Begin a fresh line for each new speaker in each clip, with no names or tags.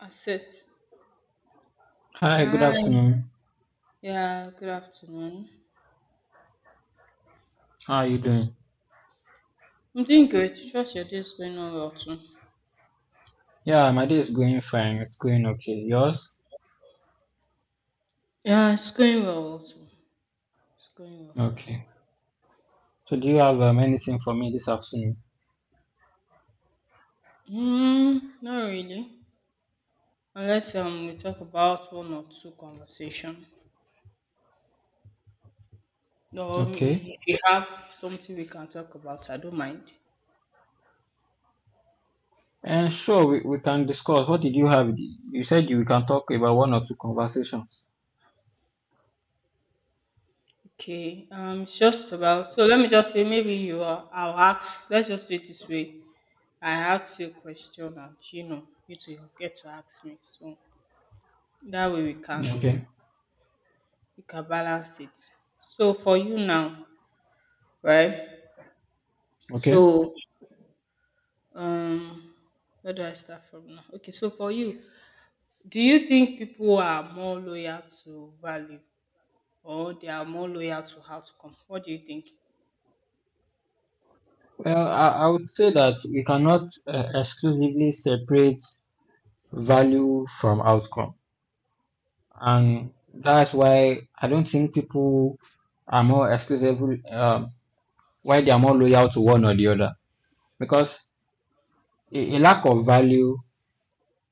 Accept.
Hi, good
Hi.
afternoon.
Yeah, good afternoon.
How are you doing?
I'm doing great. Trust your day is going on well too.
Yeah, my day is going fine. It's going okay. Yours?
Yeah, it's going well also. It's going well so.
Okay. So, do you have anything for me this afternoon?
Not really. Unless we talk about one or two conversation.
Okay.
If you have something we can talk about, I don't mind.
And sure, we can discuss. What did you have? You said you we can talk about one or two conversations.
Okay. It's just about. So let me just say, maybe you are. I'll ask. Let's just do it this way. I ask you a question, and you know, you to get to ask me. So that way we can
Okay.
you can balance it. So for you now, right?
Okay.
So um where do I start from now? Okay, so for you, do you think people are more loyal to value or they are more loyal to outcome? What do you think?
Well, I would say that we cannot exclusively separate value from outcome. And that's why I don't think people are more exclusively, why they are more loyal to one or the other, because a lack of value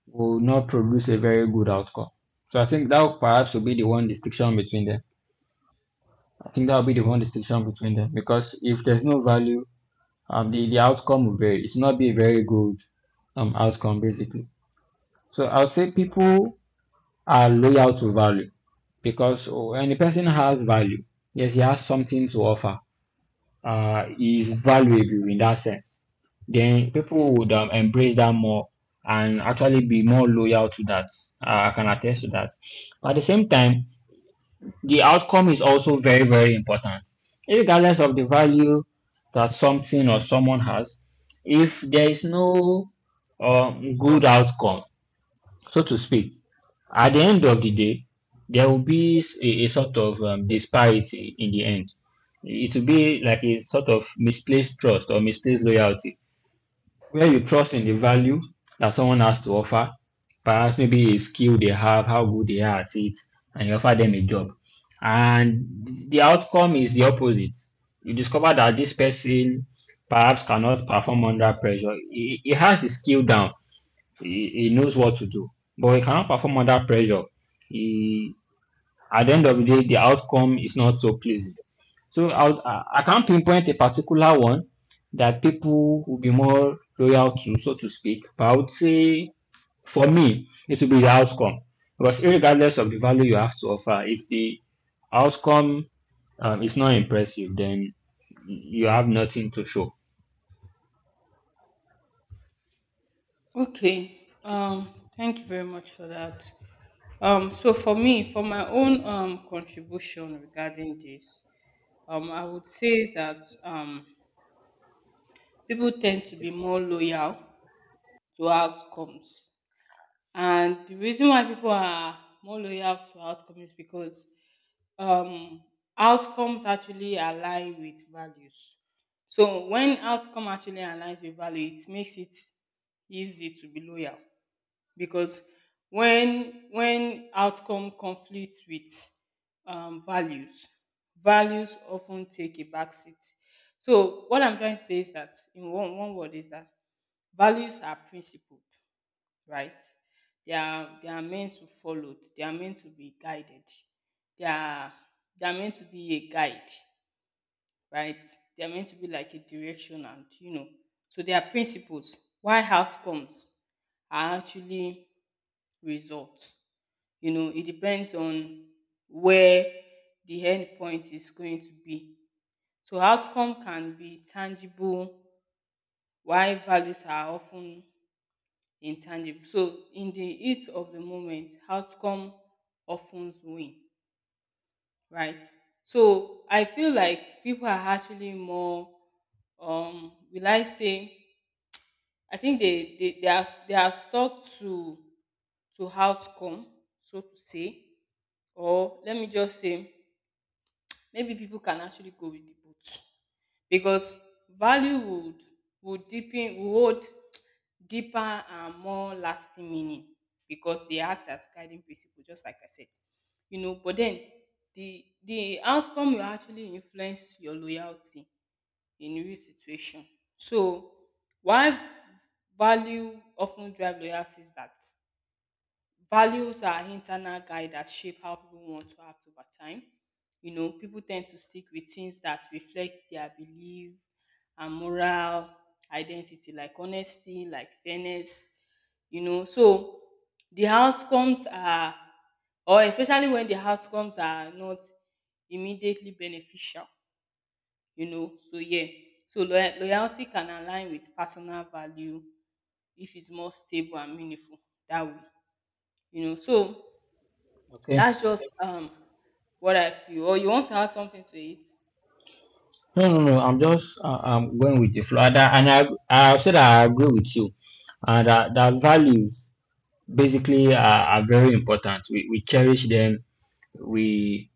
will not produce a very good outcome. So I think that would perhaps will be the one distinction between them. I think that will be the one distinction between them because if there's no value, the outcome will vary. It's not be a very good outcome basically. So I would say people are loyal to value because oh, when a person has value, yes, he has something to offer. Is valuable in that sense, then people would embrace that more and actually be more loyal to that. I can attest to that. At the same time, the outcome is also very, very important. Regardless of the value that something or someone has, if there is no good outcome, so to speak, at the end of the day, there will be a sort of disparity in the end. It will be like a sort of misplaced trust or misplaced loyalty, where you trust in the value that someone has to offer, perhaps maybe a skill they have, how good they are at it, and you offer them a job. And the outcome is the opposite. You discover that this person perhaps cannot perform under pressure. He has the skill down, he knows what to do, but he cannot perform under pressure. He, at the end of the day, the outcome is not so pleasing. So I can't pinpoint a particular one that people will be more loyal to, so to speak. But I would say for me, it will be the outcome. Because regardless of the value you have to offer, if the outcome is not impressive, then you have nothing to show.
Okay. Thank you very much for that. So for me, for my own contribution regarding this, I would say that people tend to be more loyal to outcomes. And the reason why people are more loyal to outcome is because um, outcomes actually align with values. So when outcome actually aligns with value, it makes it easy to be loyal because when outcome conflicts with values, values often take a back seat. So what I'm trying to say is that in one word is that values are principled, right? They are meant to followed. They are meant to be guided. They are they are meant to be a guide, right? They are meant to be like a direction, and you know, so their principles, why outcomes are actually results. You know, it depends on where the end point is going to be. So outcome can be tangible, while values are often intangible. So in the heat of the moment, outcome of ten win, right? So I feel like people are actually more will I say I think they are stuck to outcome, so to say. Or let me just say maybe people can actually go with the both, because value would deepen would hold deeper and more lasting meaning because they act as guiding principle just like I said, you know. But then the outcome will actually influence your loyalty in real situation. So why value of ten drive loyalty is that values are internal guide that shape how people want to act over time. You know, people tend to stick with things that reflect their belief and moral identity, like honesty, like fairness, you know. So the outcomes are, or especially when the outcomes are not immediately beneficial, you know. So, yeah. So loyalty can align with personal value if it's more stable and meaningful that way, you know. So
Okay.
that's just what I feel. Or you want to add something to it?
No, no, no. I'm just I'm going with the flow, and I've said I agree with you, and that values basically are very important. We cherish them. We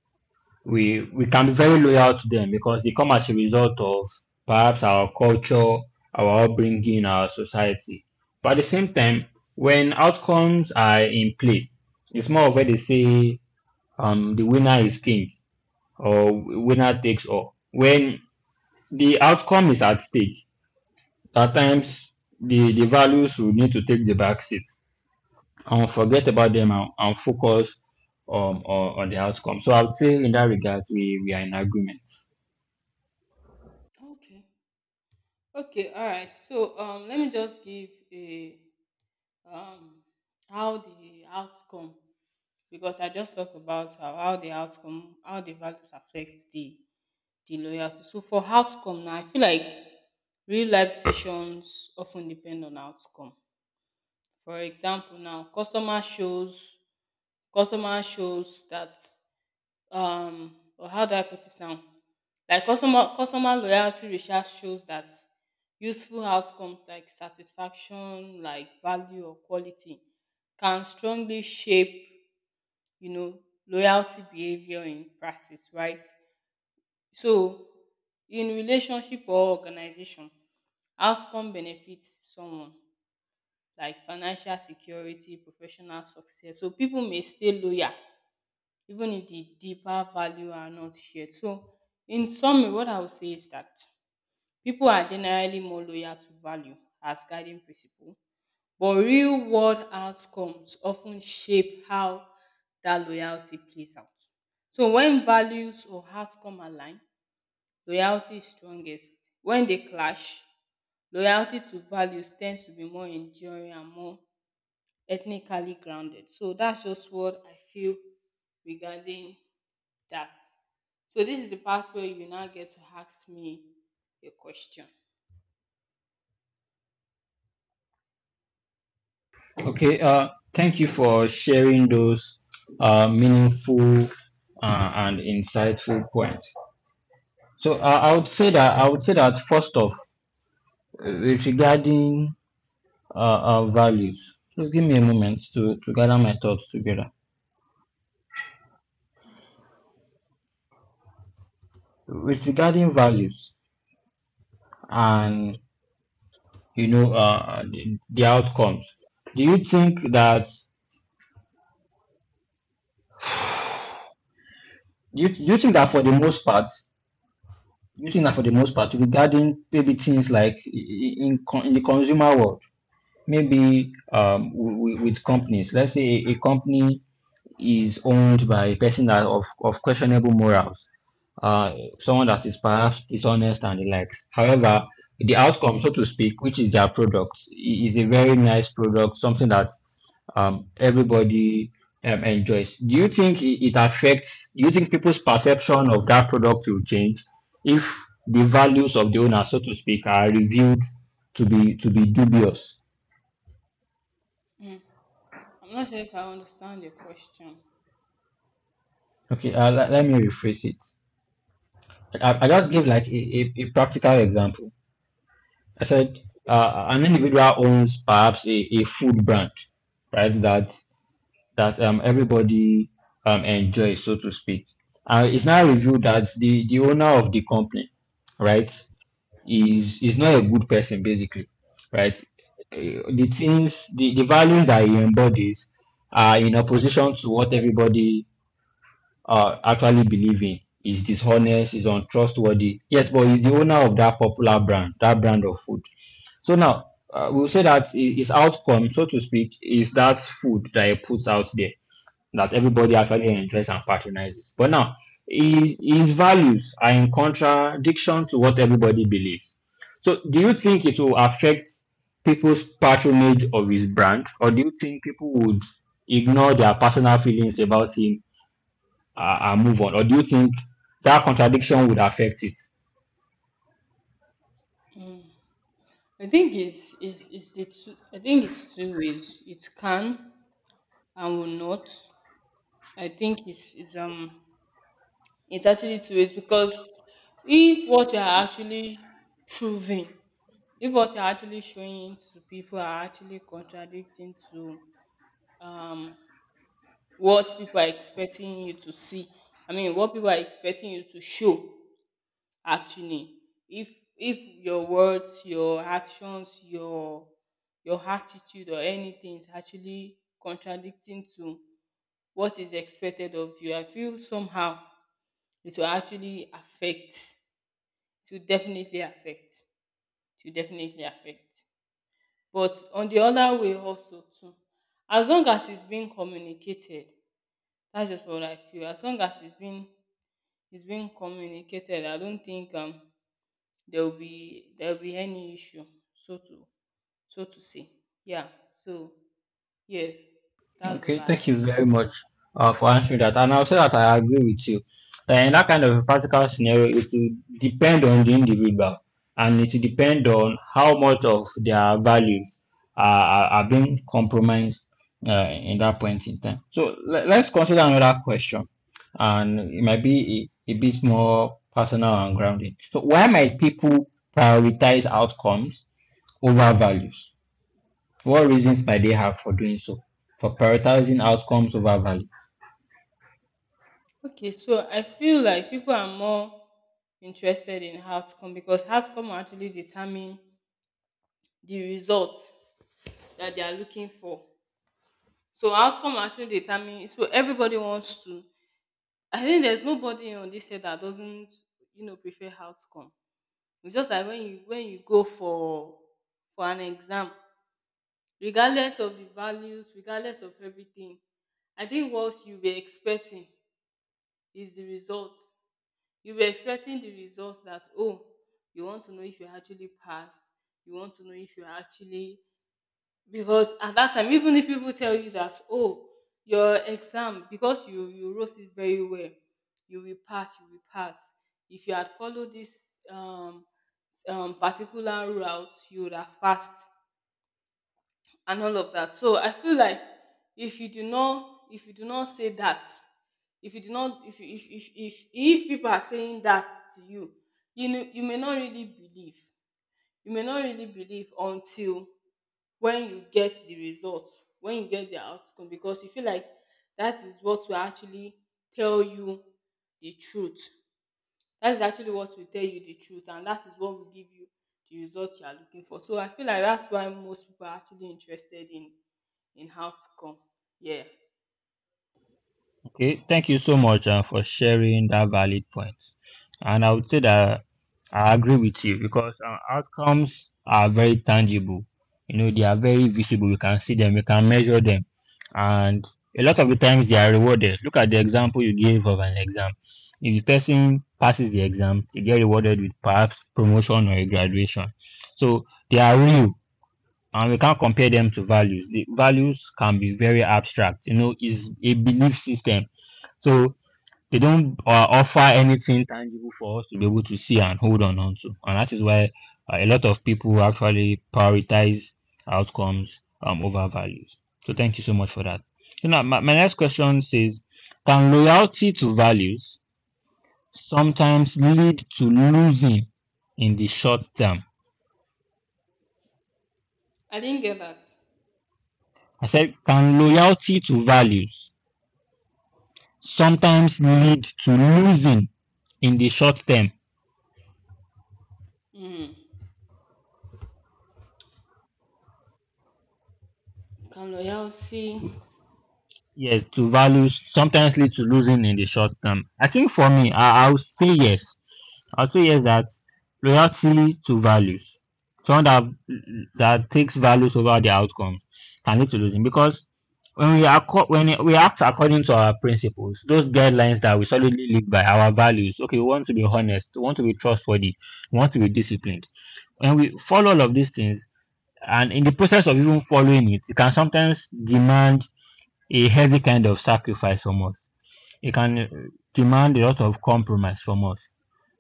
we can be very loyal to them because they come as a result of perhaps our culture, our upbringing, our society. But at the same time, when outcomes are in play, it's more of where they say the winner is king or winner takes all. When the outcome is at stake, at times the values will need to take the back seat and forget about them and focus on the outcome. So I would say in that regard, we are in agreement.
Okay. Okay. All right. So let me just give a um how the outcome because I just talked about how the outcome how the values affect the loyalty. So for outcome now, I feel like real life decisions often depend on outcome. For example, now customer shows that or how do I put this now? Like customer loyalty research shows that useful outcomes like satisfaction, like value or quality can strongly shape, you know, loyalty behavior in practice, right? So in relationship or organization, outcome benefits someone like financial security, professional success. So people may stay loyal even if the deeper value are not shared. So, in summary, what I would say is that people are generally more loyal to value as guiding principle, but real world outcomes often shape how that loyalty plays out. So, when values or outcome align, loyalty is strongest. When they clash, loyalty to values tends to be more enduring and more ethnically grounded. So, that's just what I feel regarding that. So this is the part where you now get to ask me a question.
Okay, thank you for sharing those meaningful and insightful points. So I would say that first off, with regarding our values, just give me a moment to gather my thoughts together. With regarding values and you know, the outcomes. Do you think that do you think that for the most part, do you think that for the most part, regarding maybe things like in in the consumer world, maybe with companies, let's say a company is owned by a person that of questionable morals, uh, someone that is perhaps dishonest and the likes. However, the outcome, so to speak, which is their product, is a very nice product, something that everybody enjoys. Do you think it affects? Do you think people's perception of that product will change if the values of the owner, so to speak, are revealed to be dubious?
Mm. I'm not sure if I understand your question.
Okay, let, let me rephrase it. I just give like a practical example. I said an individual owns perhaps a food brand, right? That everybody enjoys, so to speak. It's now revealed that the owner of the company, right, is not a good person basically, right? The things, the values that he embodies are in opposition to what everybody actually believe in. He's dishonest, he's untrustworthy. Yes, but he's the owner of that popular brand, that brand of food. So now we'll say that his outcome, so to speak, is that food that he puts out there that everybody actually enjoys and patronizes. But now, his values are in contradiction to what everybody believes. So, do you think it will affect people's patronage of his brand, or do you think people would ignore their personal feelings about him and move on, or do you think that contradiction would affect it?
I think it's the two, I think it's two ways. It can and will not. I think it's it's actually two ways because if what you're actually proving, if what you're actually showing to people are actually contradicting to um, what people are expecting you to see, I mean what people are expecting you to show actually. If if your words, your actions, your attitude or anything is actually contradicting to what is expected of you, I feel somehow it will actually affect, it will definitely affect it will definitely affect. But on the other way also too, as long as it's being communicated, that's just what I feel, as long as it's being it's been communicated. I don't think there'll be any issue, so to so to say. Yeah. So yeah, that's what
Okay,
I have.
thank you very much for answering that. And I'll say that I agree with you. And in that kind of a practical scenario, it will depend on the individual and it will depend on how much of their values are being compromised in that point in time. So let's consider another question, and it might be a bit more personal and grounding. So, why might people prioritize outcomes over values? What reasons might they have for doing so, for prioritizing outcomes over value?
Okay, so I feel like people are more interested in outcome because outcome will actually determine the result that they are looking for. So outcome actually determine, so everybody wants to, I think there's nobody on this set that doesn't, you know, prefer outcome. It's just like when you go for an exam. Regardless of the values, regardless of everything, I think what you were expecting is the result. You were expecting the result that oh, you want to know if you actually passed, you want to know if you actually, because at that time, even if people tell you that oh, your exam because you wrote it very well, you will pass if you had followed this particular route, you would have passed and all of that. So I feel like if you do not say that, if you do not if you, if people are saying that to you, you know, you may not really believe. You may not really believe until when you get the results, when you get the outcome, because you feel like that is what will actually tell you the truth. That is actually what will tell you the truth, and that is what will give you the result you are looking for. So I feel like that's why most people are actually interested in outcome. Yeah.
Okay, thank you so much for sharing that valid point. And I would say that I agree with you because outcomes are very tangible. You know, they are very visible. You can see them, you can measure them. And a lot of the times they are rewarded. Look at the example you gave of an exam. If the person passes the exam, they get rewarded with perhaps promotion or a graduation. So they are real, and we can't compare them to values. The values can be very abstract, you know, is a belief system. So they don't offer anything tangible for us to be able to see and hold on onto. And that is why a lot of people actually prioritize outcomes over values. So thank you so much for that. You know, my next question says, can loyalty to values sometimes lead to losing in the short term?
I didn't get that.
I said, can loyalty to values sometimes lead to losing in the short term.
Mm. Can loyalty?
Yes, to values sometimes lead to losing in the short term. I think for me, I'll say yes. I'll say yes that loyalty to values, someone that takes values over the outcomes can lead to losing because when we are when we act according to our principles, those guidelines that we solidly live by, our values. Okay, we want to be honest, we want to be trustworthy, we want to be disciplined. When we follow all of these things, and in the process of even following it, it can sometimes demand a heavy kind of sacrifice from us. It can demand a lot of compromise from us.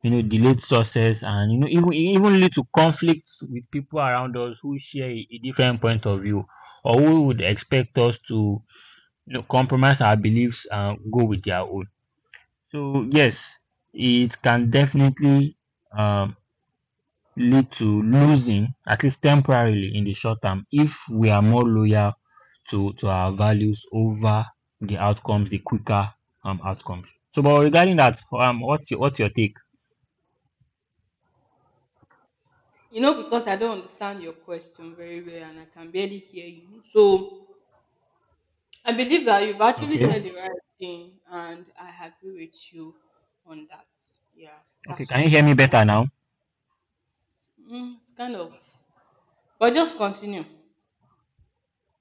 You know, delayed sources and you know even even lead to conflicts with people around us who share a different point of view or who would expect us to you know, compromise our beliefs and go with their own. So yes, it can definitely um, lead to losing, at least temporarily in the short term, if we are more loyal to our values over the outcomes, the quicker outcomes. So, but regarding that, what's your take?
You know, because I don't understand your question very well, and I can barely hear you. So I believe that you've actually said
Okay,
the right thing, and I agree with you on that. Yeah,
okay,
that's
can you
just
hear me better now?
mm, it's kind of. But just continue.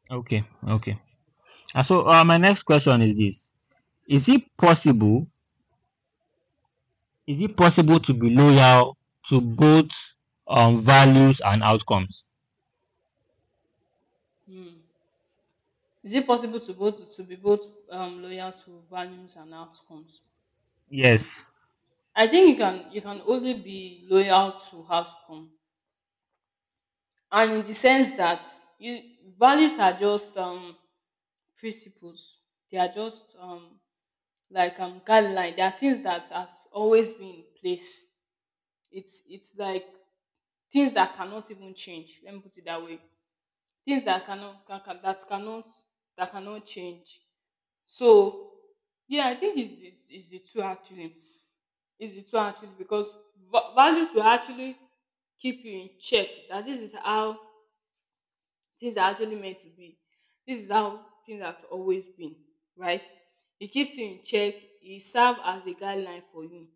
Okay, okay. And so, my next question is this: Is it possible? Is it possible to be loyal to both values and outcomes?
Is it possible to both to be both loyal to values and outcomes? Hmm.
Yes.
I think you can only be loyal to outcome, and in the sense that you values are just principles. They are just like guideline. They are things that has always been in place. It's like things that cannot even change. Let me put it that way. Things that cannot that cannot change. So yeah, I think it's the two actually. It's the two actually because values will actually keep you in check that this is how things are actually meant to be. This is how things has always been, right? It keeps you in check, it serves as a guideline for you.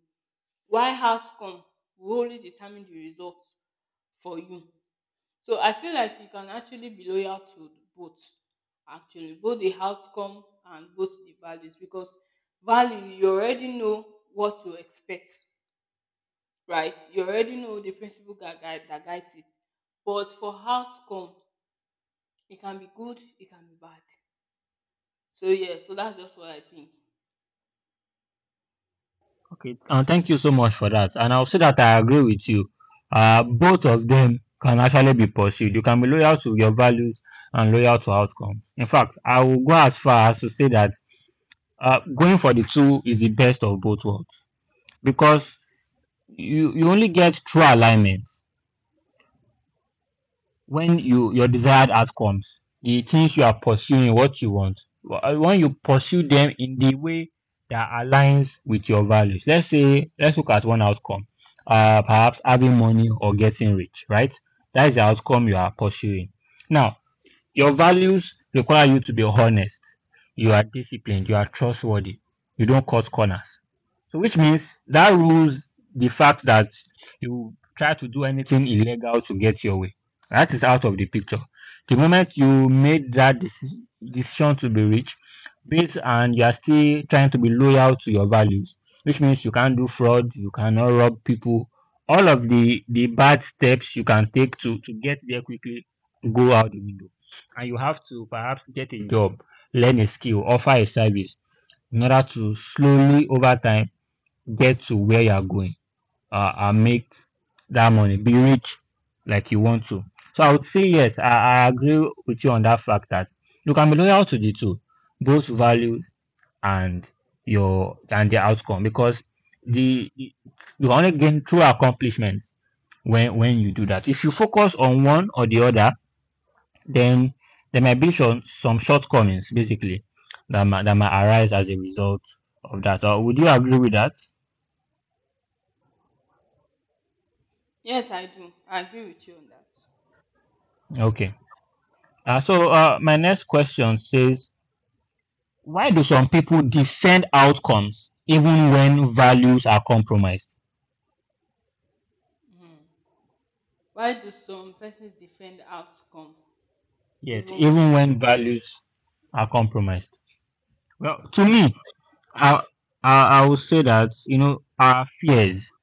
Why outcome will only determine the result for you. So I feel like you can actually be loyal to both, actually, both the outcome and both the values, because value you already know what to expect, right? You already know the principle that guides it. But for outcome, it can be good, it can be bad. So yeah, so that's just what I think.
Okay, and thank you so much for that. And I'll say that I agree with you. Both of them can actually be pursued. You can be loyal to your values and loyal to outcomes. In fact, I will go as far as to say that going for the two is the best of both worlds because you only get true alignment when your desired outcomes, the things you are pursuing, what you want, when you pursue them in the way that aligns with your values. Let's say, let's look at one outcome, perhaps having money or getting rich, right? That is the outcome you are pursuing. Now, your values require you to be honest. You are disciplined. You are trustworthy. You don't cut corners. So, which means that rules the fact that you try to do anything illegal to get your way. That is out of the picture. The moment you made that decision to be rich, based and you are still trying to be loyal to your values, which means you can't do fraud, you cannot rob people. All of the bad steps you can take to get there quickly go out the window, and you have a job, learn a skill, offer a service in order to slowly over time get to where you are going and make that money, be rich like you want to. So I would say yes, I agree with you on that fact that you can be loyal to the two, both values and your and the outcome because the you can only gain true accomplishments when you do that. If you focus on one or the other, then there might be some shortcomings basically that might arise as a result of that. Would you agree with that?
Yes, I do. I agree with you on that.
Okay. So my next question says, why do some people defend outcomes even when values are compromised?
Why do some persons defend outcome
Yes,
even
even
when
when values are compromised. Well, to me, I I would say that you know our fears,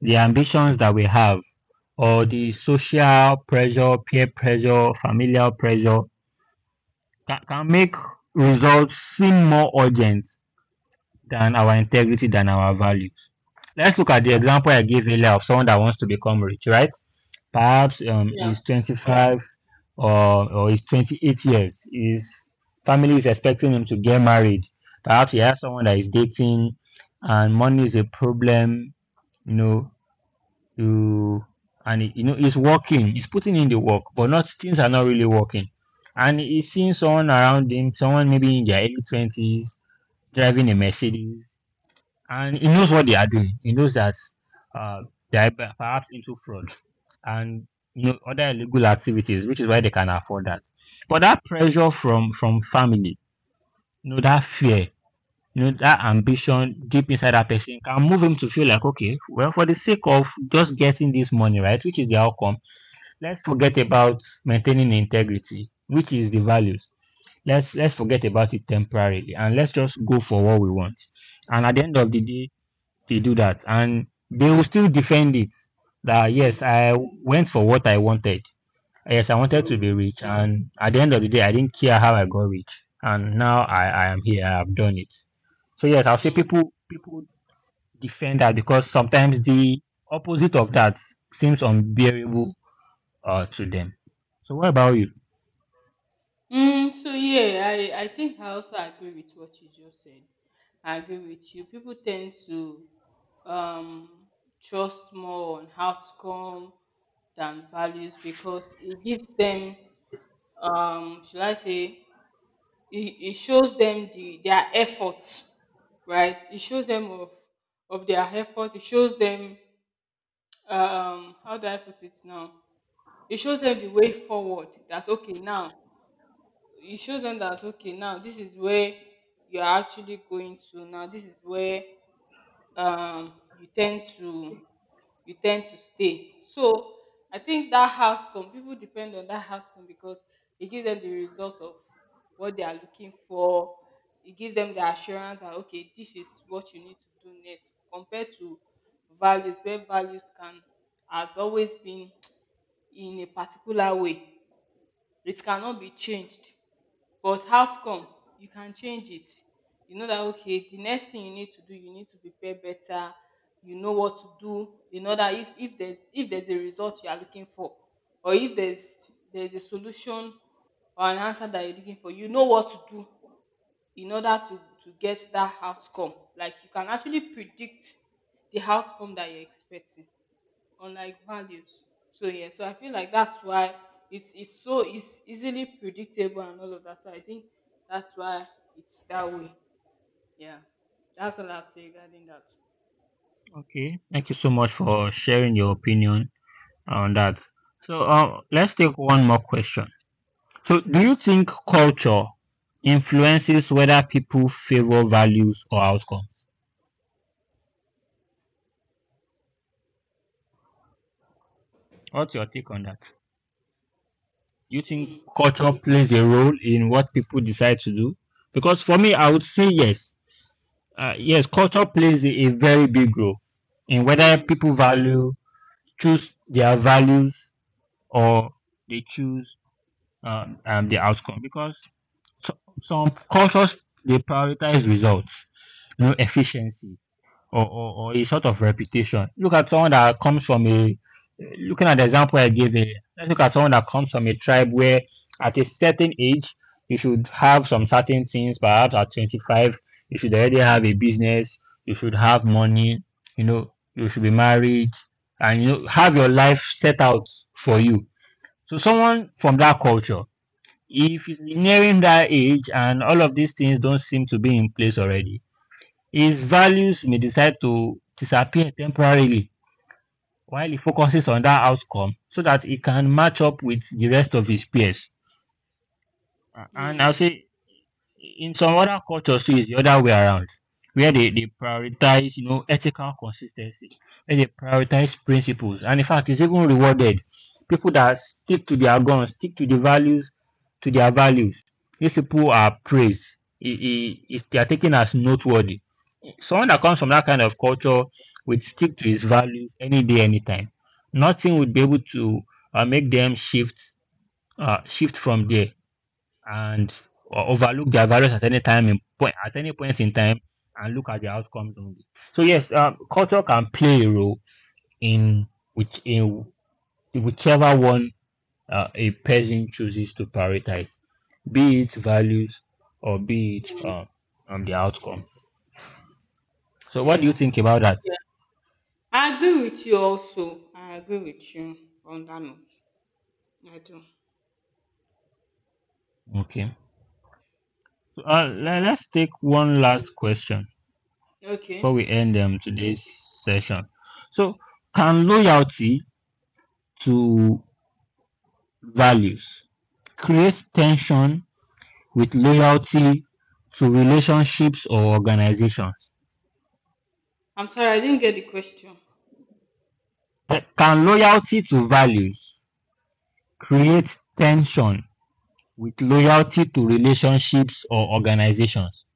the ambitions that we have, or the social pressure, peer pressure, familial pressure can make results seem more urgent than our integrity, than our values. Let's look at the example I gave earlier of someone that wants to become rich, right? Perhaps
Yeah.
he's 25 or, or he's 28 years. His family is expecting him to get married. Perhaps he has someone that is dating and money is a problem, you know, you and he's working, he's putting in the work, but not things are not really working, and he's seeing someone around him, someone maybe in their early 20s, driving a mercedes, and he knows what they are doing. He knows that uh, they are perhaps into fraud and you know other illegal activities, which is why they can afford that. But that pressure from family, you know, that fear, you know, that ambition deep inside that person can move him to feel like, okay, well, for the sake of just getting this money, right, which is the outcome, let's forget about maintaining integrity, which is the values. Let's forget about it temporarily and let's just go for what we want. And at the end of the day, they do that and they will still defend it. That
Mm,
yes, I went for what I wanted. Yes, I wanted to be
mm,
rich, and at the end of the day, I didn't care how I got rich, and now I am here. I have done it. So yes, I'll say
mm.
people defend that because sometimes the opposite of that seems unbearable to them. So what about you?
So yeah, I think I also agree with what you just said. I agree with you. People tend to um trust more on outcome than values because it gives them should I say it shows them the their effort, right? It shows them of their effort, it shows them how do I put it now? It shows them the way forward that okay now it shows them that okay now this is where you're actually going to, now this is where um you tend to you tend to stay. So I think that outcome, people depend on that outcome because it gives them the result of what they are looking for. It gives them the assurance that okay, this is what you need to do next, compared to values where values can has always been in a particular way, it cannot be changed. But outcome, you can change it. You know that okay, the next thing you need to do, you need to prepare better. You know what to do. You know that if there's if there's a result you are looking for, or if there's a solution or an answer that you're looking for, you know what to do in order to get that outcome. Like you can actually predict the outcome that you're expecting, on like values. So yeah, so I feel like that's why it's easily predictable and all of that. So I think that's why it's that way. Yeah, that's all I'd say regarding that.
Okay. Thank you so much for sharing your opinion on that. So let's take one more question. So do you think culture influences whether people favor values or outcomes?
Mm,
Culture plays a role in what people decide to do because for me, I would say yes, yes, culture plays a very big role in whether
mm,
people value choose their values or the outcome because so, some cultures they prioritize results, you know, efficiency, or a sort of reputation. Look at someone that comes from looking at the example I gave earlier, let's look at someone that comes from a tribe where at a certain age, you should have some certain things, perhaps at 25, you should already have a business, you should have money, you know, you should be married, and you know, have your life set out for you. So someone from that culture, if he's nearing that age and all of these things don't seem to be in place already, his values may decide to disappear temporarily while he focuses on that outcome so that he can match up with the rest of his peers. And I'll
mm.
say in some other cultures too, it's the other way around, where they prioritize, you know, ethical consistency, where they prioritize principles. And in fact, it's even rewarded. People that stick to their guns, stick to the values, to their values. These people are praised. They are taken as noteworthy. Someone that comes from that kind of culture would stick to his value any day, anytime. Nothing would be able to make them shift shift from there and overlook their values at any time in point at any point in time and look at the outcomes only. So yes, culture can play a role in which in whichever one a person chooses to prioritize, be it values or be it the outcome. So what do you
Yeah,
think about that?
yeah. I agree with you also. I agree with you on that note. I do.
Okay.
Yeah.
Let's take one last question before we
Okay.
end today's session. So, can loyalty to values create tension with loyalty to relationships or organizations?
I'm sorry, I didn't get the question.
Can loyalty to values create tension with loyalty to relationships or organizations?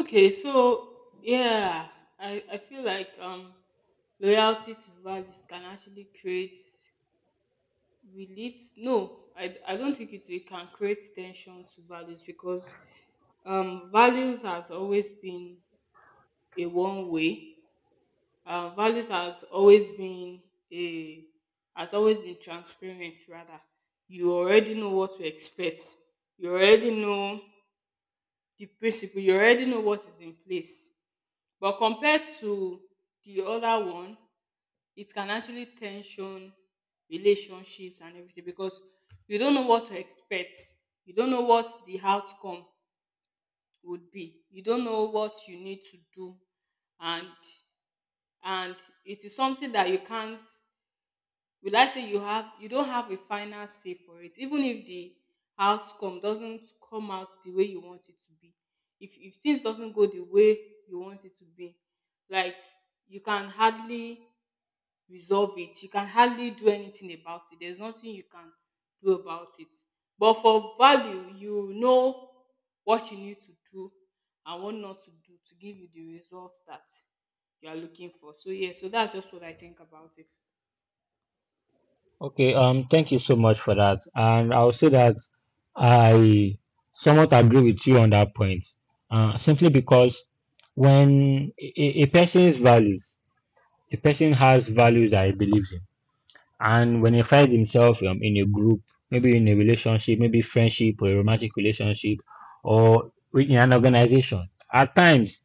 Okay, so yeah, I feel like loyalty to values can actually create, will it, no, I don't think can create tension to values because values has always been a one way, values has always been a has always been transparent rather. You already know what to expect, you already know the principle, you already know what is in place, but compared to the other one, it can actually tension relationships and everything because you don't know what to expect, you don't know what the outcome would be, you don't know what you need to do. and and it is something that you can't, will I say, you have you don't have a final say for it. Even if the outcome doesn't come out the way you want it to be, if things doesn't go the way you want it to be, like you can hardly resolve it, you can hardly do anything about it, there's nothing you can do about it. But for value, you know what you need to do and what not to do to give you the results that you are looking for. So yeah, so that's just what I think about it.
Okay, thank you so much for that. And I'll say that I somewhat agree with you on that point, simply because when a person's values, a person has values that he believes in, and when he finds himself in a group, maybe in a relationship, maybe friendship or a romantic relationship, or in an organization, at times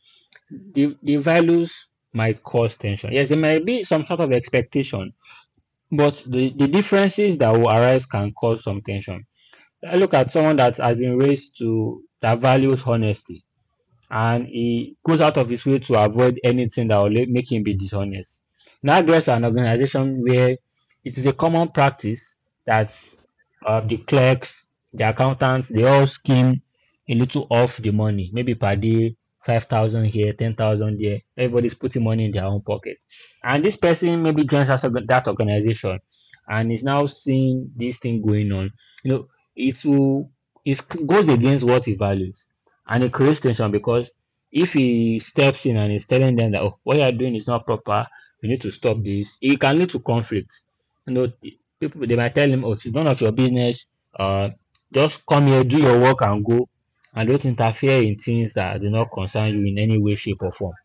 the values might cause tension. Yes, there might be some sort of expectation but the differences that will arise can cause some tension. I look at someone that has been raised to that values honesty and he goes out of his way to avoid anything that will make him be dishonest. Now, there's an organization where it is a common practice that the clerks, the accountants, they all skim a little off the money, maybe per day, 5,000 here, 10,000 there. Everybody's putting money in their own pocket. And this person maybe joins after that organization and is now seeing this thing going on. You know, it will, it goes against what he values and it creates tension because if he steps in and is telling them that oh, what you are doing is not proper, you need to stop this, it can lead to conflict. You know, people they might tell him, oh, it's none of your business. Just come here, do your work, and go, and don't interfere in things that do not concern you in any way, shape, or form.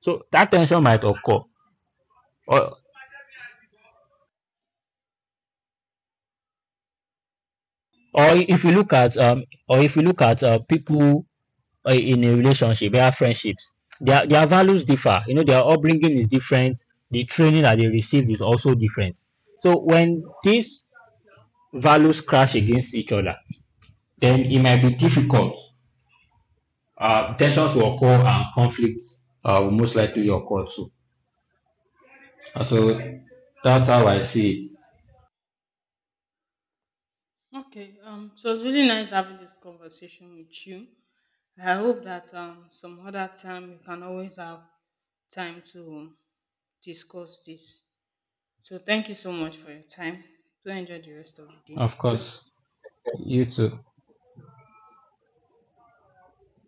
So that tension might occur, or or if you look at or if you look at people in a relationship, their friendships, their values differ. You know, their upbringing is different. The training that they received is also different. So when these values crash against each other, then it might be difficult. Tensions will occur and conflicts will most likely occur too. So that's how I see it.
Okay, so it's really nice having this conversation with you. I hope that some other time we can always have time to discuss this. So thank you so much for your time. Do enjoy the rest of the day.
Of course, you too.